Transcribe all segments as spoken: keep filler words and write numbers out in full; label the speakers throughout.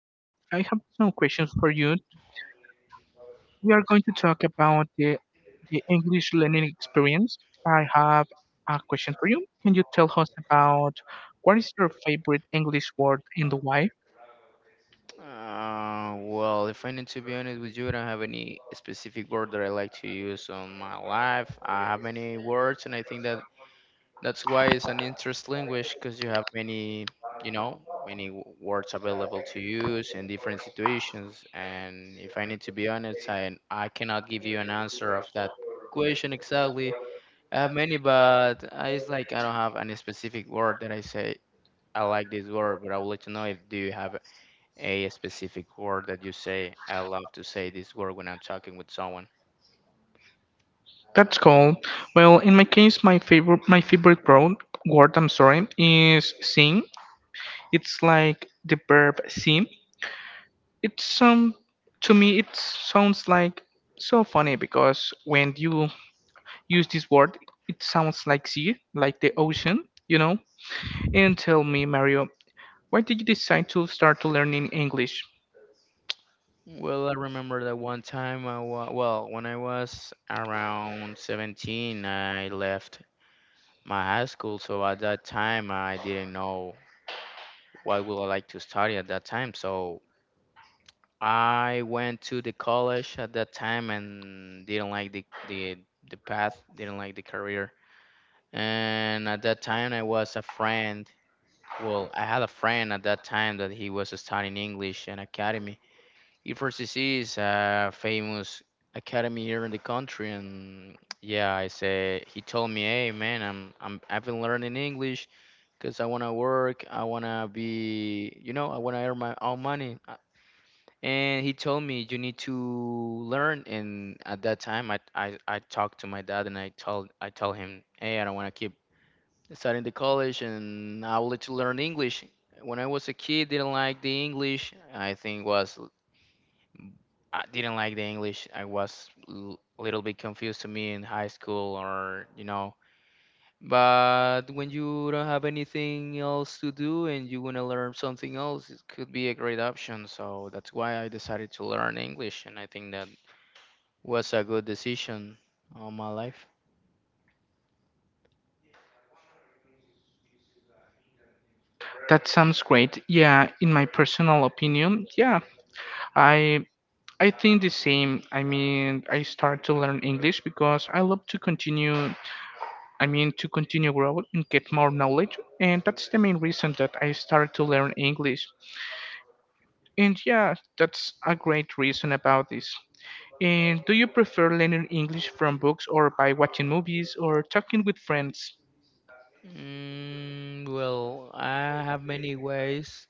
Speaker 1: Mario, I have some questions for you. We are going to talk about the, the English learning experience. I have a question for you. Can you tell us about what is your favorite English word and why?
Speaker 2: Uh, well, if I need to be honest with you, I don't have any specific word that I like to use on my life. I have many words, and I think that that's why it's an interest language because you have many, you know, many w- words available to use in different situations. And if I need to be honest, I I cannot give you an answer of that question exactly. I have many, but I, it's like I don't have any specific word that I say I like this word. But I would like to know if do you have a specific word that you say. I love to say this word when I'm talking with someone.
Speaker 1: That's cool. Well, in my case, my favorite my favorite word word I'm sorry is sing. It's like the verb sing. It's some To me it sounds like so funny, because when you use this word it sounds like sea, like the ocean you know And tell me, Mario, why did you decide to start to learning English?
Speaker 2: Well, I remember that one time I wa- well, when I was around seventeen, I left my high school, so at that time I didn't know what would I like to study at that time. So I went to the college at that time and didn't like the the the path, didn't like the career. And at that time I was a friend Well, I had a friend at that time that he was studying English in academy. E four C C is a famous academy here in the country, and yeah, I say he told me, "Hey, man, I'm I'm I've been learning English because I wanna work, I wanna be, you know, I wanna earn my own money." Uh, And he told me you need to learn. And at that time, I I, I talked to my dad and I told I told him, "Hey, I don't wanna keep starting the college and I wanted to learn English. When I was a kid, didn't like the English. I think was I didn't like the English. I was l- a little bit confused to me in high school or you know. But when you don't have anything else to do and you want to learn something else, it could be a great option. So that's why I decided to learn English, and I think that was a good decision all my life.
Speaker 1: That sounds great. Yeah, in my personal opinion, yeah, i i think the same. I mean, I start to learn English because I love to continue, I mean to continue grow and get more knowledge, and that's the main reason that I started to learn English. And yeah, that's a great reason about this. And do you prefer learning English from books or by watching movies or talking with friends?
Speaker 2: Mm, well, I have many ways.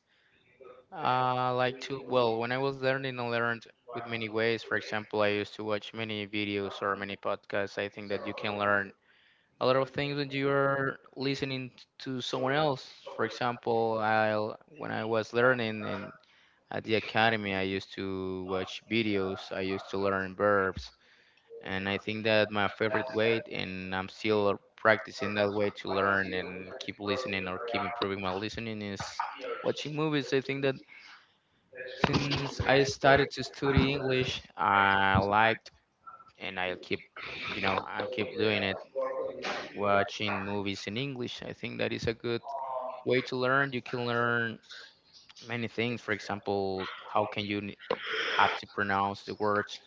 Speaker 2: Uh, like to well, when I was learning, I learned with many ways. For example, I used to watch many videos or many podcasts. I think that you can learn a lot of things when you are listening to someone else. For example, I when I was learning in at the academy, I used to watch videos. I used to learn verbs, and I think that my favorite way, and I'm still practicing that way to learn and keep listening or keep improving my listening is watching movies. I think that since I started to study English, I liked and I keep, you know, I keep doing it, watching movies in English. I think that is a good way to learn. You can learn many things. For example, how can you n- have to pronounce the words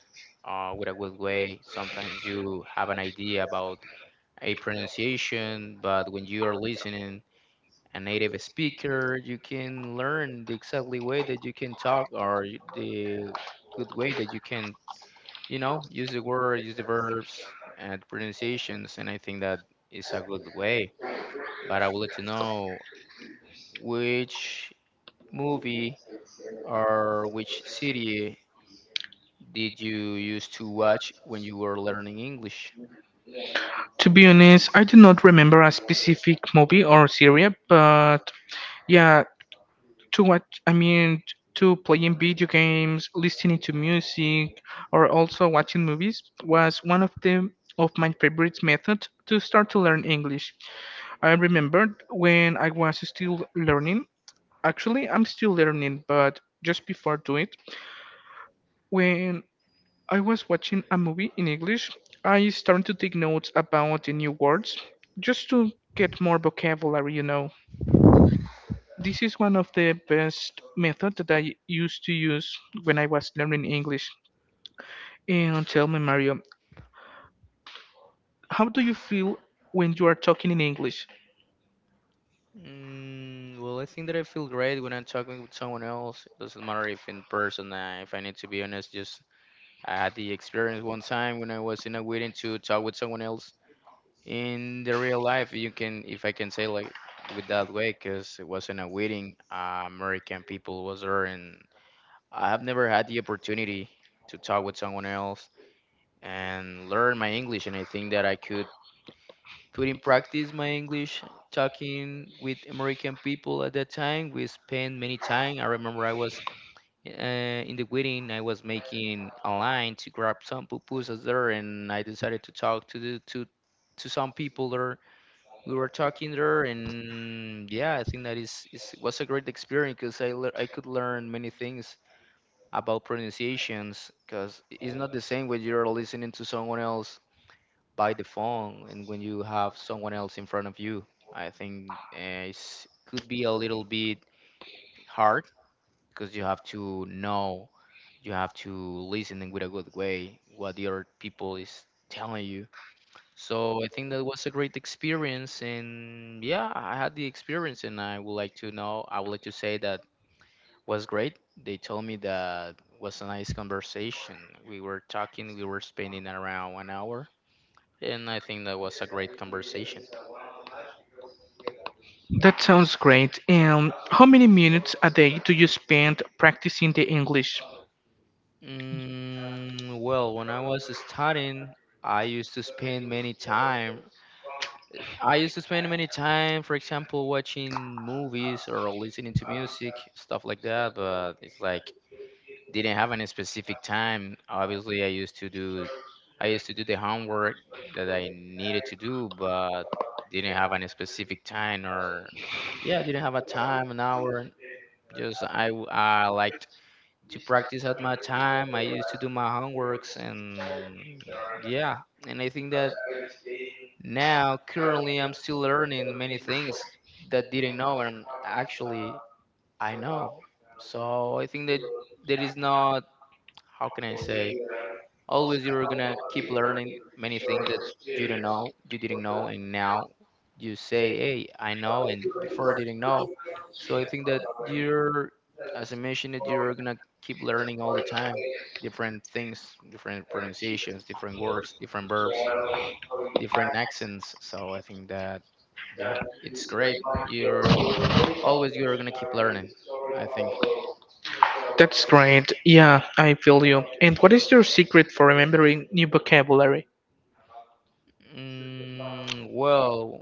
Speaker 2: uh, with a good way? Sometimes you have an idea about a pronunciation, but when you are listening a native speaker, you can learn the exactly way that you can talk or y- the good way that you can you know, use the word, use the verbs and the pronunciations, and I think that is a good way. But I would like to know which movie or which city did you used to watch when you were learning English?
Speaker 1: To be honest, I do not remember a specific movie or series, but yeah, to what I mean, to playing video games, listening to music, or also watching movies was one of the of my favorite methods to start to learn English. I remembered when I was still learning. Actually, I'm still learning, but just before do it, when I was watching a movie in English, I started to take notes about the new words just to get more vocabulary, you know. This is one of the best method that I used to use when I was learning English. And tell me, Mario, how do you feel when you are talking in English?
Speaker 2: Mm, well, I think that I feel great when I'm talking with someone else. Doesn't matter if in person. Uh, if I need to be honest, just I had the experience one time when I was in a wedding to talk with someone else in the real life you can if I can say like with that way because it wasn't a wedding uh, american people was there and I have never had the opportunity to talk with someone else and learn my english and I think that I could put in practice my english talking with american people at that time we spent many time I remember I was uh, in the wedding I was making a line to grab some pupusas there and I decided to talk to the to to some people there we were talking there and yeah I think that is, is was a great experience because I, lear- I could learn many things about pronunciations because it's not the same when you're listening to someone else by the phone and when you have someone else in front of you I think uh, it could be a little bit hard because you have to know you have to listen in with a good way what the other people is telling you so I think that was a great experience, and yeah, I had the experience, and I would like to know, I would like to say that was great. They told me that was a nice conversation. We were talking, we were spending around one hour, and I think that was a great conversation.
Speaker 1: That sounds great. And how many minutes a day do you spend practicing the English?
Speaker 2: Mm, well, when I was studying, I used to spend many time. I used to spend many time, for example, watching movies or listening to music, stuff like that. But it's like didn't have any specific time. Obviously, I used to do I used to do the homework that I needed to do, but didn't have any specific time or yeah, didn't have a time, an hour. Just I w- I liked to practice at my time. I used to do my homeworks and yeah, and I think that now currently I'm still learning many things that didn't know and actually I know. So I think that there is not how can I say always you're gonna keep learning many things that you don't know, you didn't know, and now you say, "Hey, I know," and before I didn't know. So I think that you're, as I mentioned, that you're gonna keep learning all the time, different things, different pronunciations, different words, different verbs, different accents. So I think that yeah, it's great. You're Always you're gonna keep learning. I think.
Speaker 1: That's great. Yeah, I feel you. And what is your secret for remembering new vocabulary?
Speaker 2: Mm, well,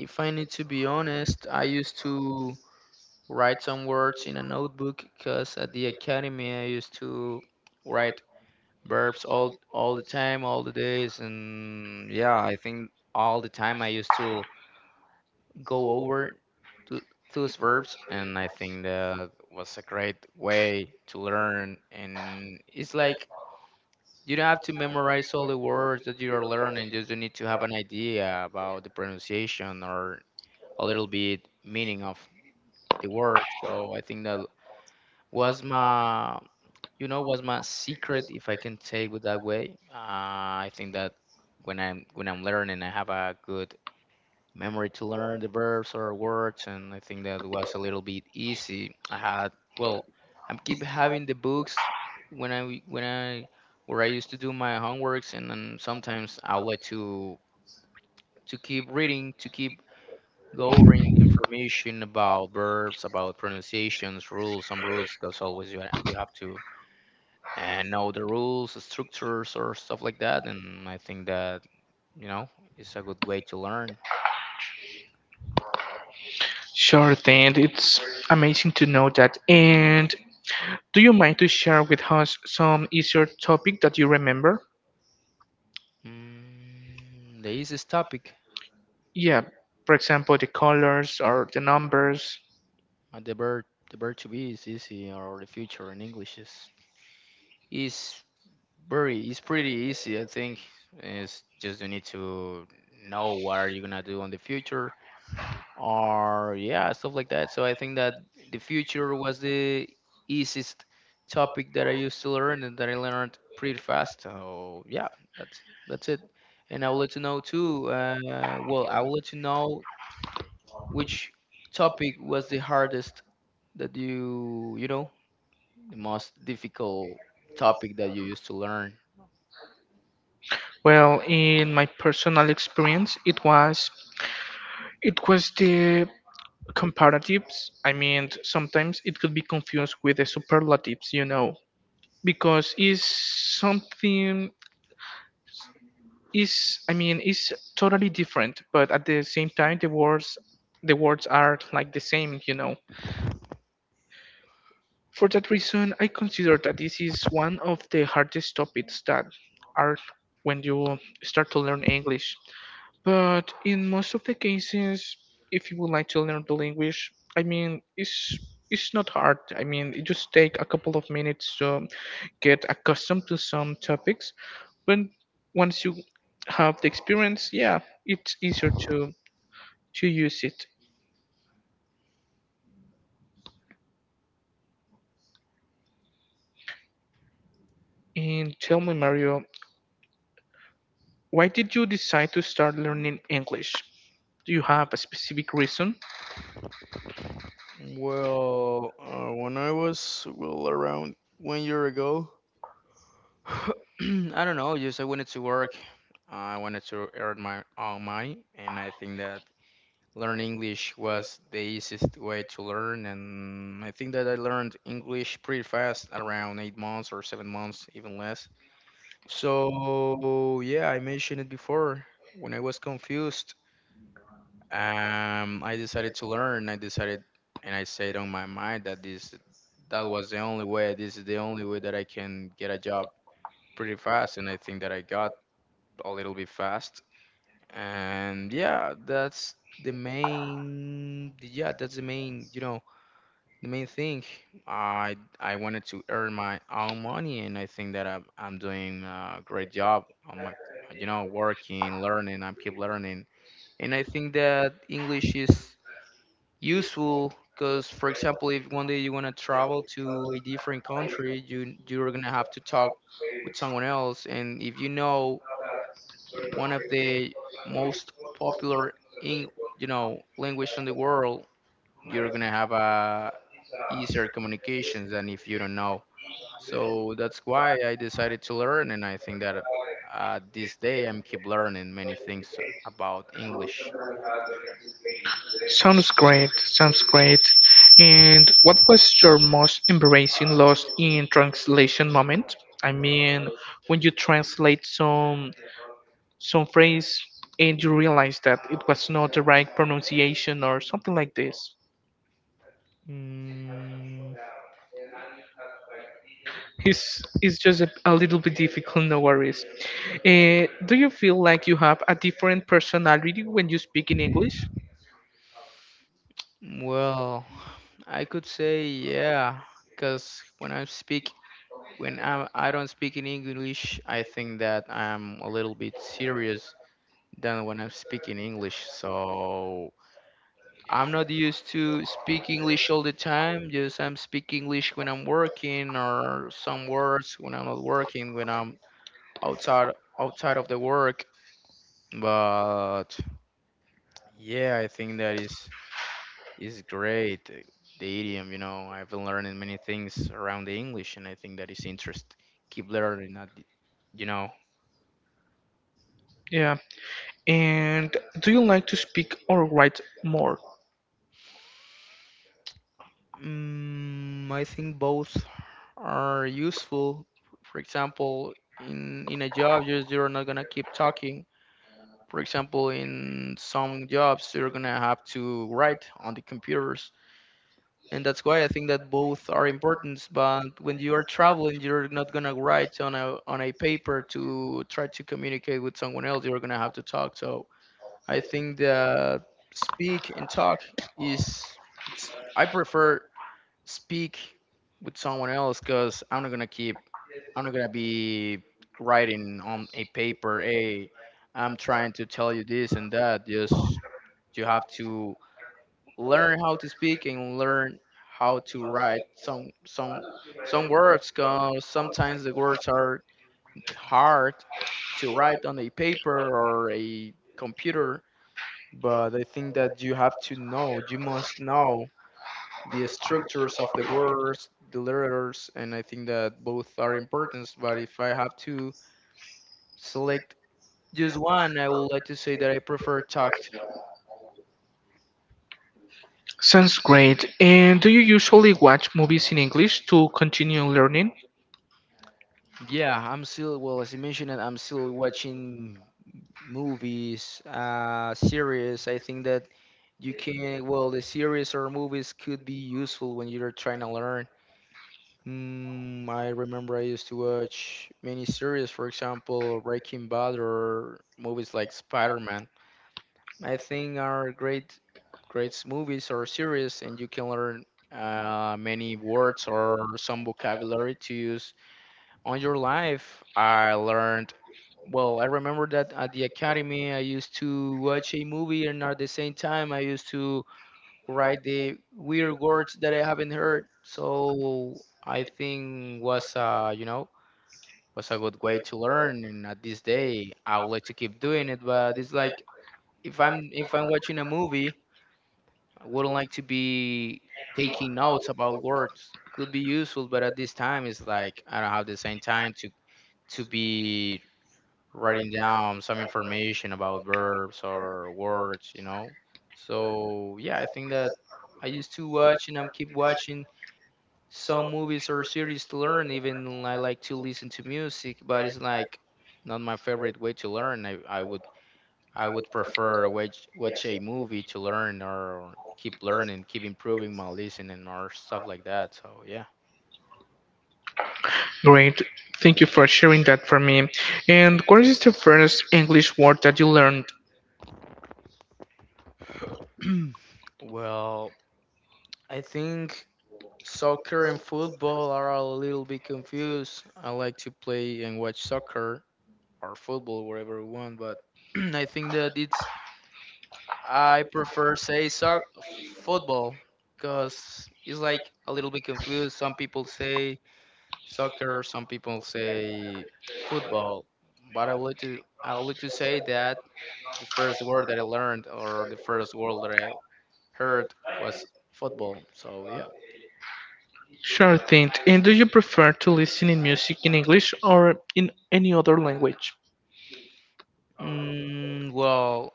Speaker 2: if I need to be honest, I used to write some words in a notebook because at the academy I used to write verbs all all the time, all the days, and yeah, I think all the time I used to go over to those verbs, and I think that was a great way to learn. And it's like you don't have to memorize all the words that you are learning; just you need to have an idea about the pronunciation or a little bit meaning of the word. So I think that was my you know what's my secret if I can take it that way uh, I think that when i'm when i'm learning I have a good memory to learn the verbs or words and I think that was a little bit easy I had well I'm keep having the books when i when i where I used to do my homeworks and then sometimes I would like to to keep reading to keep going the information about verbs about pronunciations rules some rules because always you, ha- you have to and know the rules, the structures, or stuff like that. And I think that you know it's a good way to learn.
Speaker 1: Sure thing. It's amazing to know that. And do you mind to share with us some easier topic that you remember?
Speaker 2: Mm, the easiest topic
Speaker 1: Yeah, for example, the colors or the numbers.
Speaker 2: at the bird the bird to be is easy, or the future in English is is very it's pretty easy. I think it's just you need to know what are you gonna do in the future or yeah stuff like that so I think that the future was the easiest topic that I used to learn and that I learned pretty fast so yeah that's that's it and I would like to know too uh, well I would like to know which topic was the hardest that you you know the most difficult topic that you used to learn.
Speaker 1: Well, in my personal experience, it was it was the comparatives. I mean, sometimes it could be confused with the superlatives, you know because it's something is, I mean it's totally different, but at the same time the words the words are like the same, you know for that reason I consider that this is one of the hardest topics that are when you start to learn English. But in most of the cases, if you would like to learn the language, I mean, it's it's not hard. I mean, it just take a couple of minutes to get accustomed to some topics. But once you have the experience, yeah, it's easier to to use it. And tell me, Mario, why did you decide to start learning English? Do you have a specific reason?
Speaker 2: Well, uh, when I was well around one year ago, I don't know. Just I wanted to work. I wanted to earn my own money, and I think that learn English was the easiest way to learn. And I think that I learned English pretty fast, around eight months or seven months, even less. So yeah, I mentioned it before. When I was confused, um, I decided to learn. I decided, and I said on my mind that this, that was the only way. This is the only way that I can get a job pretty fast, and I think that I got a little bit fast. And yeah, that's the main yeah, that's the main, you know, the main thing. I I wanted to earn my own money and I think that I'm I'm doing a great job on my you know, working, learning, I keep learning. And I think that English is useful because, for example, if one day you want to travel to a different country, you you're going to have to talk with someone else. And if you know one of the most popular in you know language on the world, you're gonna have a easier communications than if you don't know. So that's why I decided to learn, and I think that uh, this day I'm keep learning many things about English.
Speaker 1: Sounds great, sounds great. And what was your most embarrassing loss in translation moment? I mean, when you translate some some phrase and you realize that it was not the right pronunciation or something like this.
Speaker 2: Mm,
Speaker 1: It's it's just a, a little bit difficult, no worries. Uh, do you feel like you have a different personality when you speak in English?
Speaker 2: well, I could say yeah, because when I speak, when i I do not speak in English, I think that I'm a little bit serious than when I'm speaking English. So I'm not used to speak English all the time. Just I'm speak English when I'm working, or some words when I'm not working, when I'm outside outside of the work. But yeah, I think that is is great. uh, The idiom, you know, I've been learning many things around the English, and I think that is interest. Keep learning that, you know.
Speaker 1: Yeah. And do you like to speak or write more?
Speaker 2: Mm, I think both are useful. For example, in in a job, you're, you're not gonna keep talking. For example, in some jobs, you're gonna have to write on the computers, and that's why I think that both are important. But when you are traveling, you're not gonna write on a on a paper to try to communicate with someone else. You're gonna have to talk. So I think that speak and talk is it's I prefer speak with someone else, because I'm not gonna keep I'm not gonna be writing on a paper, hey, I'm trying to tell you this and that. Just you have to learn how to speak and learn how to write some some some words, because sometimes the words are hard to write on a paper or a computer. But I think that you have to know you must know the structures of the words, the letters, and I think that both are important. But if I have to select just one, I would like to say that I prefer tact.
Speaker 1: Sounds great. And do you usually watch movies in English to continue learning?
Speaker 2: Yeah, I'm still, well, as you mentioned, I'm still watching movies, uh, series. I think that you can, well, the series or movies could be useful when you're trying to learn. Mm, I remember I used to watch many series, for example, Breaking Bad, or movies like Spider-Man. I think are great, great movies or series, and you can learn uh, many words or some vocabulary to use on your life. I learned. Well, I remember that at the academy, I used to watch a movie, and at the same time, I used to write the weird words that I haven't heard. So I think was uh, you know was a good way to learn. And at this day, I would like to keep doing it, but it's like if I'm if I'm watching a movie, I wouldn't like to be taking notes about words. Could be useful, but at this time, it's like I don't have the same time to to be writing down some information about verbs or words, you know. So yeah, I think that I used to watch, and I'm keep watching some movies or series to learn. Even I like to listen to music, but it's like not my favorite way to learn. I, I would I would prefer watch watch a movie to learn or keep learning, keep improving my listening or stuff like that. So yeah.
Speaker 1: Great. Thank you for sharing that for me. And what is the first English word that you learned?
Speaker 2: Well, I think soccer and football are a little bit confused. I like to play and watch soccer or football wherever I want, but I think that it's I prefer say so football, because it's like a little bit confused. Some people say soccer. Some people say football, but I would like to I would like to say that the first word that I learned, or the first word that I heard, was football. So yeah.
Speaker 1: Sure thing. And do you prefer to listen in music in English or in any other language?
Speaker 2: Mm, well,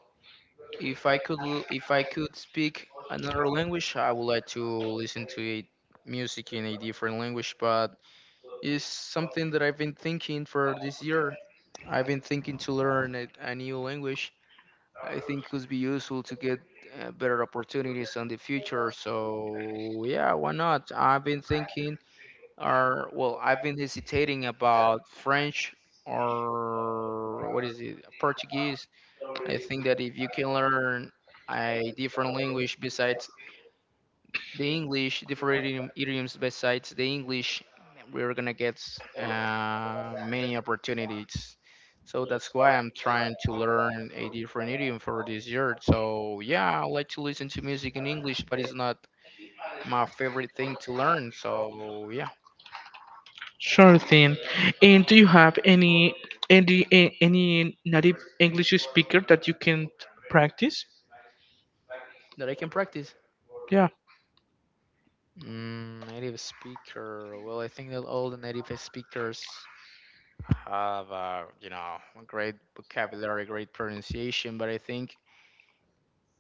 Speaker 2: if I could l- if I could speak another language, I would like to listen to a music in a different language, but it's something that I've been thinking for this year. I've been thinking to learn a, a new language. I think could be useful to get uh, better opportunities in the future. So yeah, why not? I've been thinking, or well, I've been hesitating about French, or what is it, Portuguese. I think that if you can learn a different language besides the English, different idiom, idioms besides the English, we're gonna get uh, many opportunities. So that's why I'm trying to learn a different idiom for this year. So yeah, I like to listen to music in English, but it's not my favorite thing to learn. So yeah,
Speaker 1: Sure thing. And do you have any any a- any native English speaker that you can practice?
Speaker 2: that I can practice.
Speaker 1: Yeah,
Speaker 2: Mm, native speaker. Well, I think that all the native speakers have, uh, you know, a great vocabulary, great pronunciation, but I think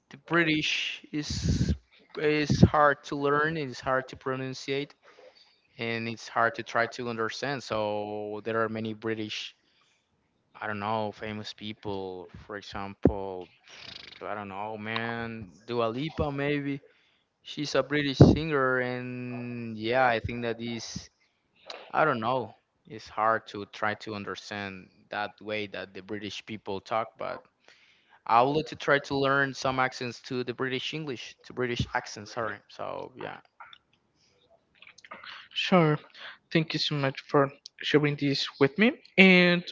Speaker 2: the British is is hard to learn, it's hard to pronunciate, and it's hard to try to understand. So there are many British, I don't know, famous people. For example, I don't know, man, Dua Lipa maybe. She's a British singer, and yeah, I think that is, I don't know, it's hard to try to understand that way that the British people talk, but I would like to try to learn some accents to the British English, to British accent, sorry. So yeah.
Speaker 1: sure. Thank you so much for sharing this with me. And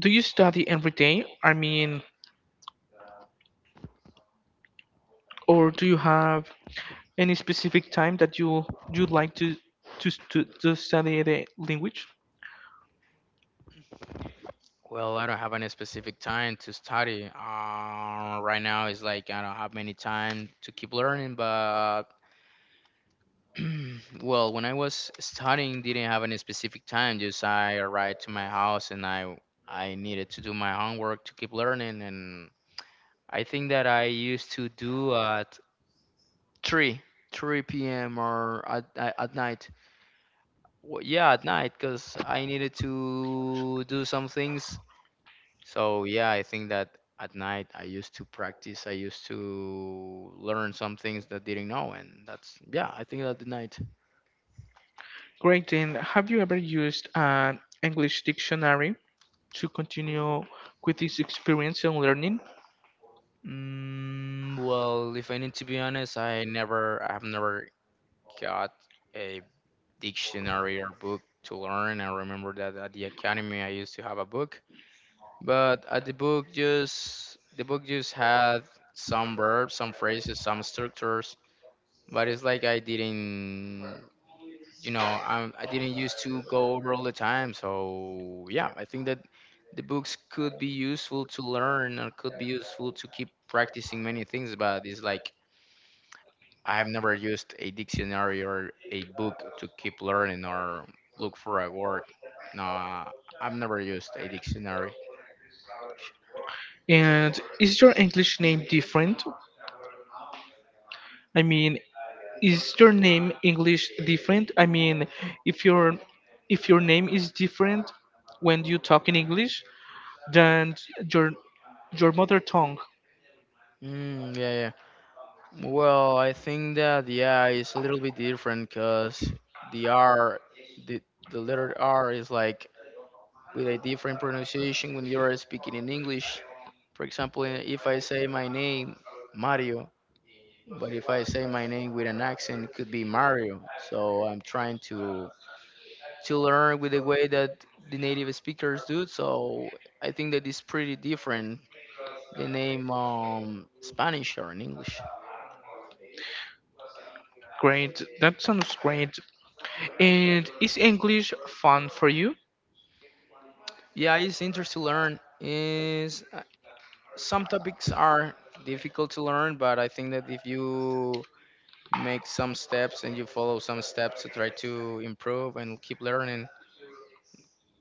Speaker 1: do you study every day? I mean, or do you have any specific time that you you like to to to, to study the language?
Speaker 2: Well, I don't have any specific time to study. Uh, right now it's like I don't have many time to keep learning, but well, when I was studying, didn't have any specific time. Just I arrived to my house, and I I needed to do my homework to keep learning, and I think that I used to do at three. 3 p.m. or at, at at night. Well, yeah, at night, because I needed to do some things. So yeah, I think that at night I used to practice. I used to learn some things that didn't know, and that's yeah. I think that the night.
Speaker 1: Great. And have you ever used an English dictionary to continue with this experience and learning?
Speaker 2: Mm, well, if I need to be honest, I never, I have never got a dictionary or book to learn. I remember that at the academy I used to have a book, but at the book just the book just had some verbs, some phrases, some structures, but it's like I didn't, you know, I I didn't used to go over all the time. So yeah, I think that the books could be useful to learn, or could be useful to keep practicing many things. But it's like I have never used a dictionary or a book to keep learning or look for a word. No, I've never used a dictionary.
Speaker 1: And is your English name different? I mean, is your name English different? I mean, if your if your name is different when you talk in English than your your mother tongue.
Speaker 2: Mm, yeah. Well, I think that yeah, it's a little bit different, because the R, the the letter R is like with a different pronunciation when you are speaking in English. For example, i- if I say my name Mario, but if I say my name with an accent, it could be Mario. So I'm trying to to learn with the way that the native speakers do. So I think that it's pretty different the name um Spanish or in English.
Speaker 1: Great, that sounds great. And is English fun for you?
Speaker 2: Yeah, it's interesting to learn. Is some topics are difficult to learn, but I think that if you make some steps and you follow some steps to try to improve and keep learning,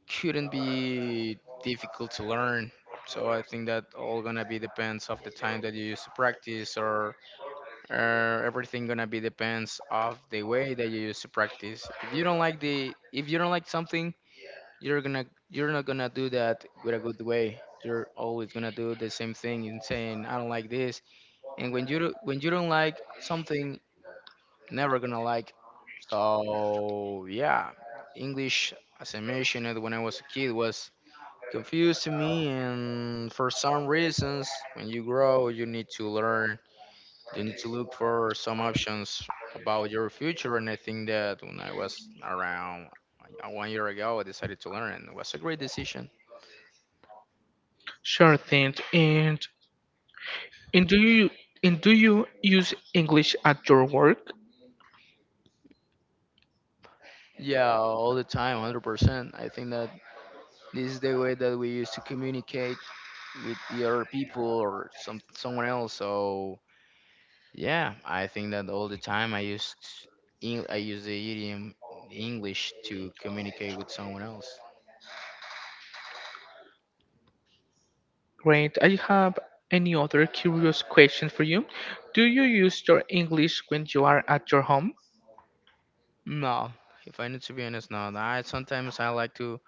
Speaker 2: could not be difficult to learn. So I think that all gonna be depends of the time that you use to practice, or uh, everything gonna be depends of the way that you use to practice. If you don't like the, if you don't like something, you're gonna, you're not gonna do that with a good way. You're always gonna do the same thing and saying, I don't like this. And when you do- when you don't like something, never gonna like. So yeah, English, as I mentioned it, when I was a kid was confused to me. And for some reasons, when you grow, you need to learn, you need to look for some options about your future. And I think that when I was around uh, one year ago, I decided to learn, and it was a great decision.
Speaker 1: Sure thing. And and do you and do you use English at your work?
Speaker 2: Yeah, all the time, one hundred percent. I think that this is the way that we used to communicate with the other people or some someone else. So yeah, I think that all the time I used Eng- I use the idiom English to communicate with someone else.
Speaker 1: Great. I have any other curious question for you. Do you use your English when you are at your home?
Speaker 2: No, if I need to be honest, no. I sometimes I like to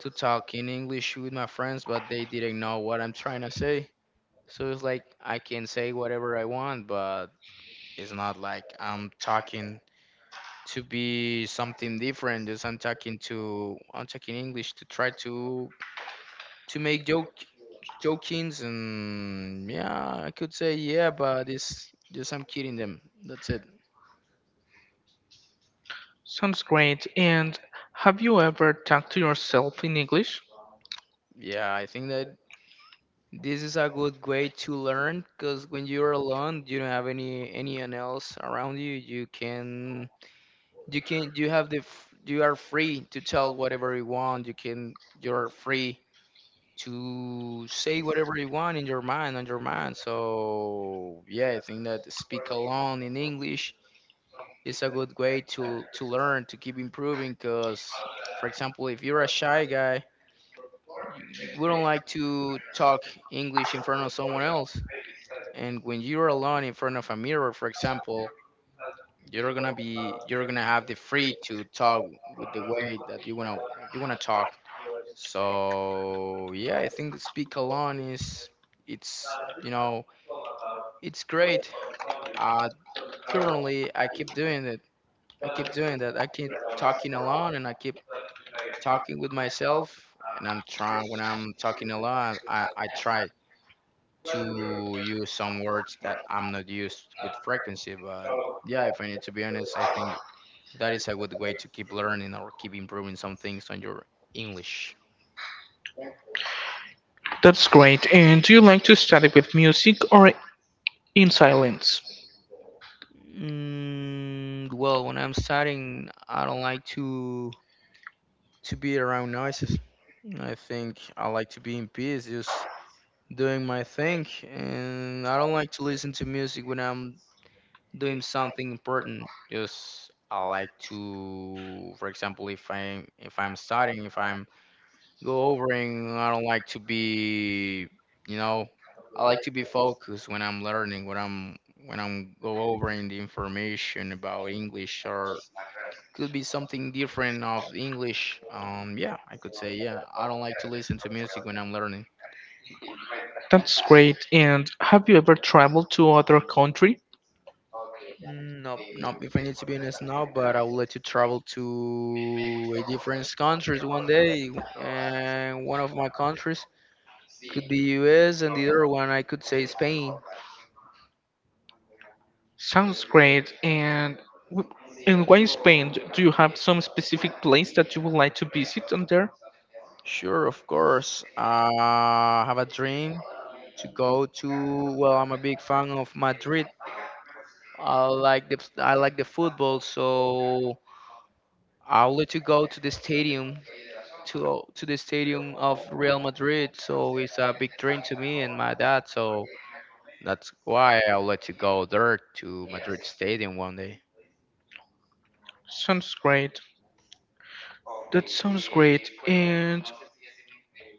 Speaker 2: to talk in English with my friends, but they didn't know what I'm trying to say. So it's like I can say whatever I want, but it's not like I'm talking to be something different. Just I'm talking to I'm talking English to try to to make joke jokings. And yeah, I could say yeah, but it's just I'm kidding them, that's it.
Speaker 1: Sounds great. And have you ever talked to yourself in English?
Speaker 2: Yeah, I think that this is a good way to learn, because when you're alone, you don't have any anyone else around you. You can, you can you have the f- you are free to tell whatever you want. You can you're free to say whatever you want in your mind on your mind. So yeah, I think that speak alone in English, it's a good way to to learn, to keep improving, because, for example, if you're a shy guy, you, you wouldn't like to talk English in front of someone else. And when you're alone in front of a mirror, for example, you're gonna be you're gonna have the free to talk with the way that you wanna you wanna talk. So yeah, I think the speak alone is it's, you know it's great. uh Currently, i keep doing it I keep doing that. I keep talking alone, and I keep talking with myself. And I'm trying when I'm talking a lot, i, I try to use some words that I'm not used with frequency, but yeah, if I need to be honest, I think that is a good way to keep learning or keep improving some things on your English.
Speaker 1: That's great. And do you like to study with music or in silence?
Speaker 2: Mm, well, when I'm studying, I don't like to to be around noises. I think I like to be in peace, just doing my thing. And I don't like to listen to music when I'm doing something important. Just I like to, for example, if I'm if i'm studying, if I'm go overing, I don't like to be, you know I like to be focused when I'm learning, when I'm when i'm go overing the information about English, or could be something different of English. Um yeah, I could say yeah, I don't like to listen to music when I'm learning.
Speaker 1: That's great. And have you ever traveled to other country?
Speaker 2: Mm. Nope, nope. If I need to be honest, now, but I would like to travel to a different countries one day, and one of my countries could be U S, and the other one I could say Spain.
Speaker 1: Sounds great. And w- and why Spain? Do you have some specific place that you would like to visit on there?
Speaker 2: Sure, of course. Uh, I have a dream to go to. Well, I'm a big fan of Madrid. I like the I like the football, so I would like to go to the stadium to to the stadium of Real Madrid. So it's a big dream to me and my dad. So. That's why I would like to go there to Madrid Stadium one day.
Speaker 1: Sounds great. That sounds great. And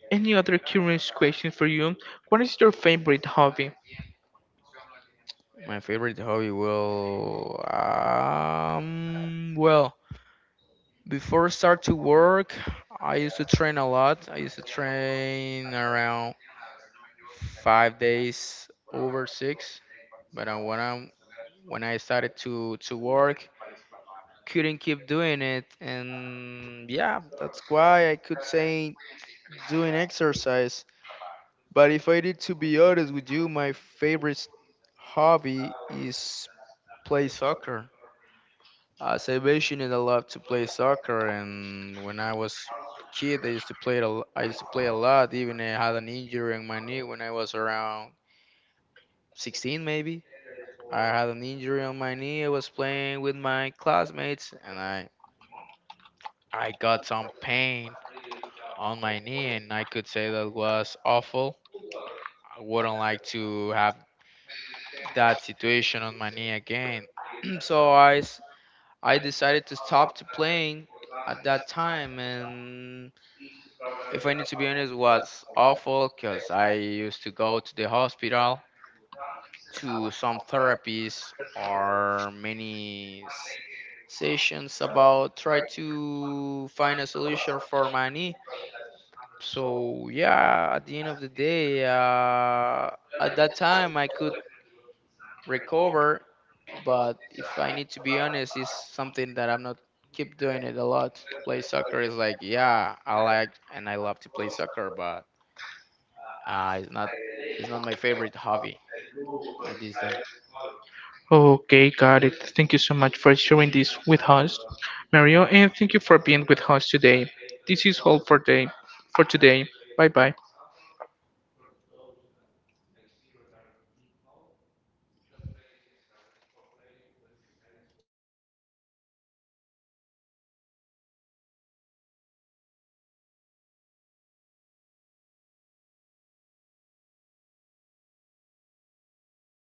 Speaker 1: any other curious question for you? What is your favorite hobby?
Speaker 2: My favorite hobby will, um well, before start to work, I used to train a lot. I used to train around five days over six. But uh, when I when I started to to work, couldn't keep doing it, and yeah, that's why I could say doing exercise. But if I need to be honest with you, my favorite s- hobby is play soccer. As I mentioned, I love to play soccer, and when I was a kid, I used to play it a l- I used to play a lot. Even I had an injury on my knee when I was around sixteen, maybe. I had an injury on my knee. I was playing with my classmates, and I I got some pain on my knee, and I could say that was awful. I wouldn't like to have that situation on my knee again. So I, s- I decided to stop to playing at that time, and if I need to be honest, it was awful, because I used to go to the hospital to some therapies or many s- sessions about try to find a solution for my knee. So yeah, at the end of the day, uh, at that time I could recover. But if I need to be honest, it's something that I'm not keep doing it a lot. Play soccer is like, yeah, I like and I love to play soccer, but uh, it's not, it's not my favorite hobby at this day.
Speaker 1: Okay, got it. Thank you so much for sharing this with us, Mario, and thank you for being with us today. This is all for day for today. Bye bye.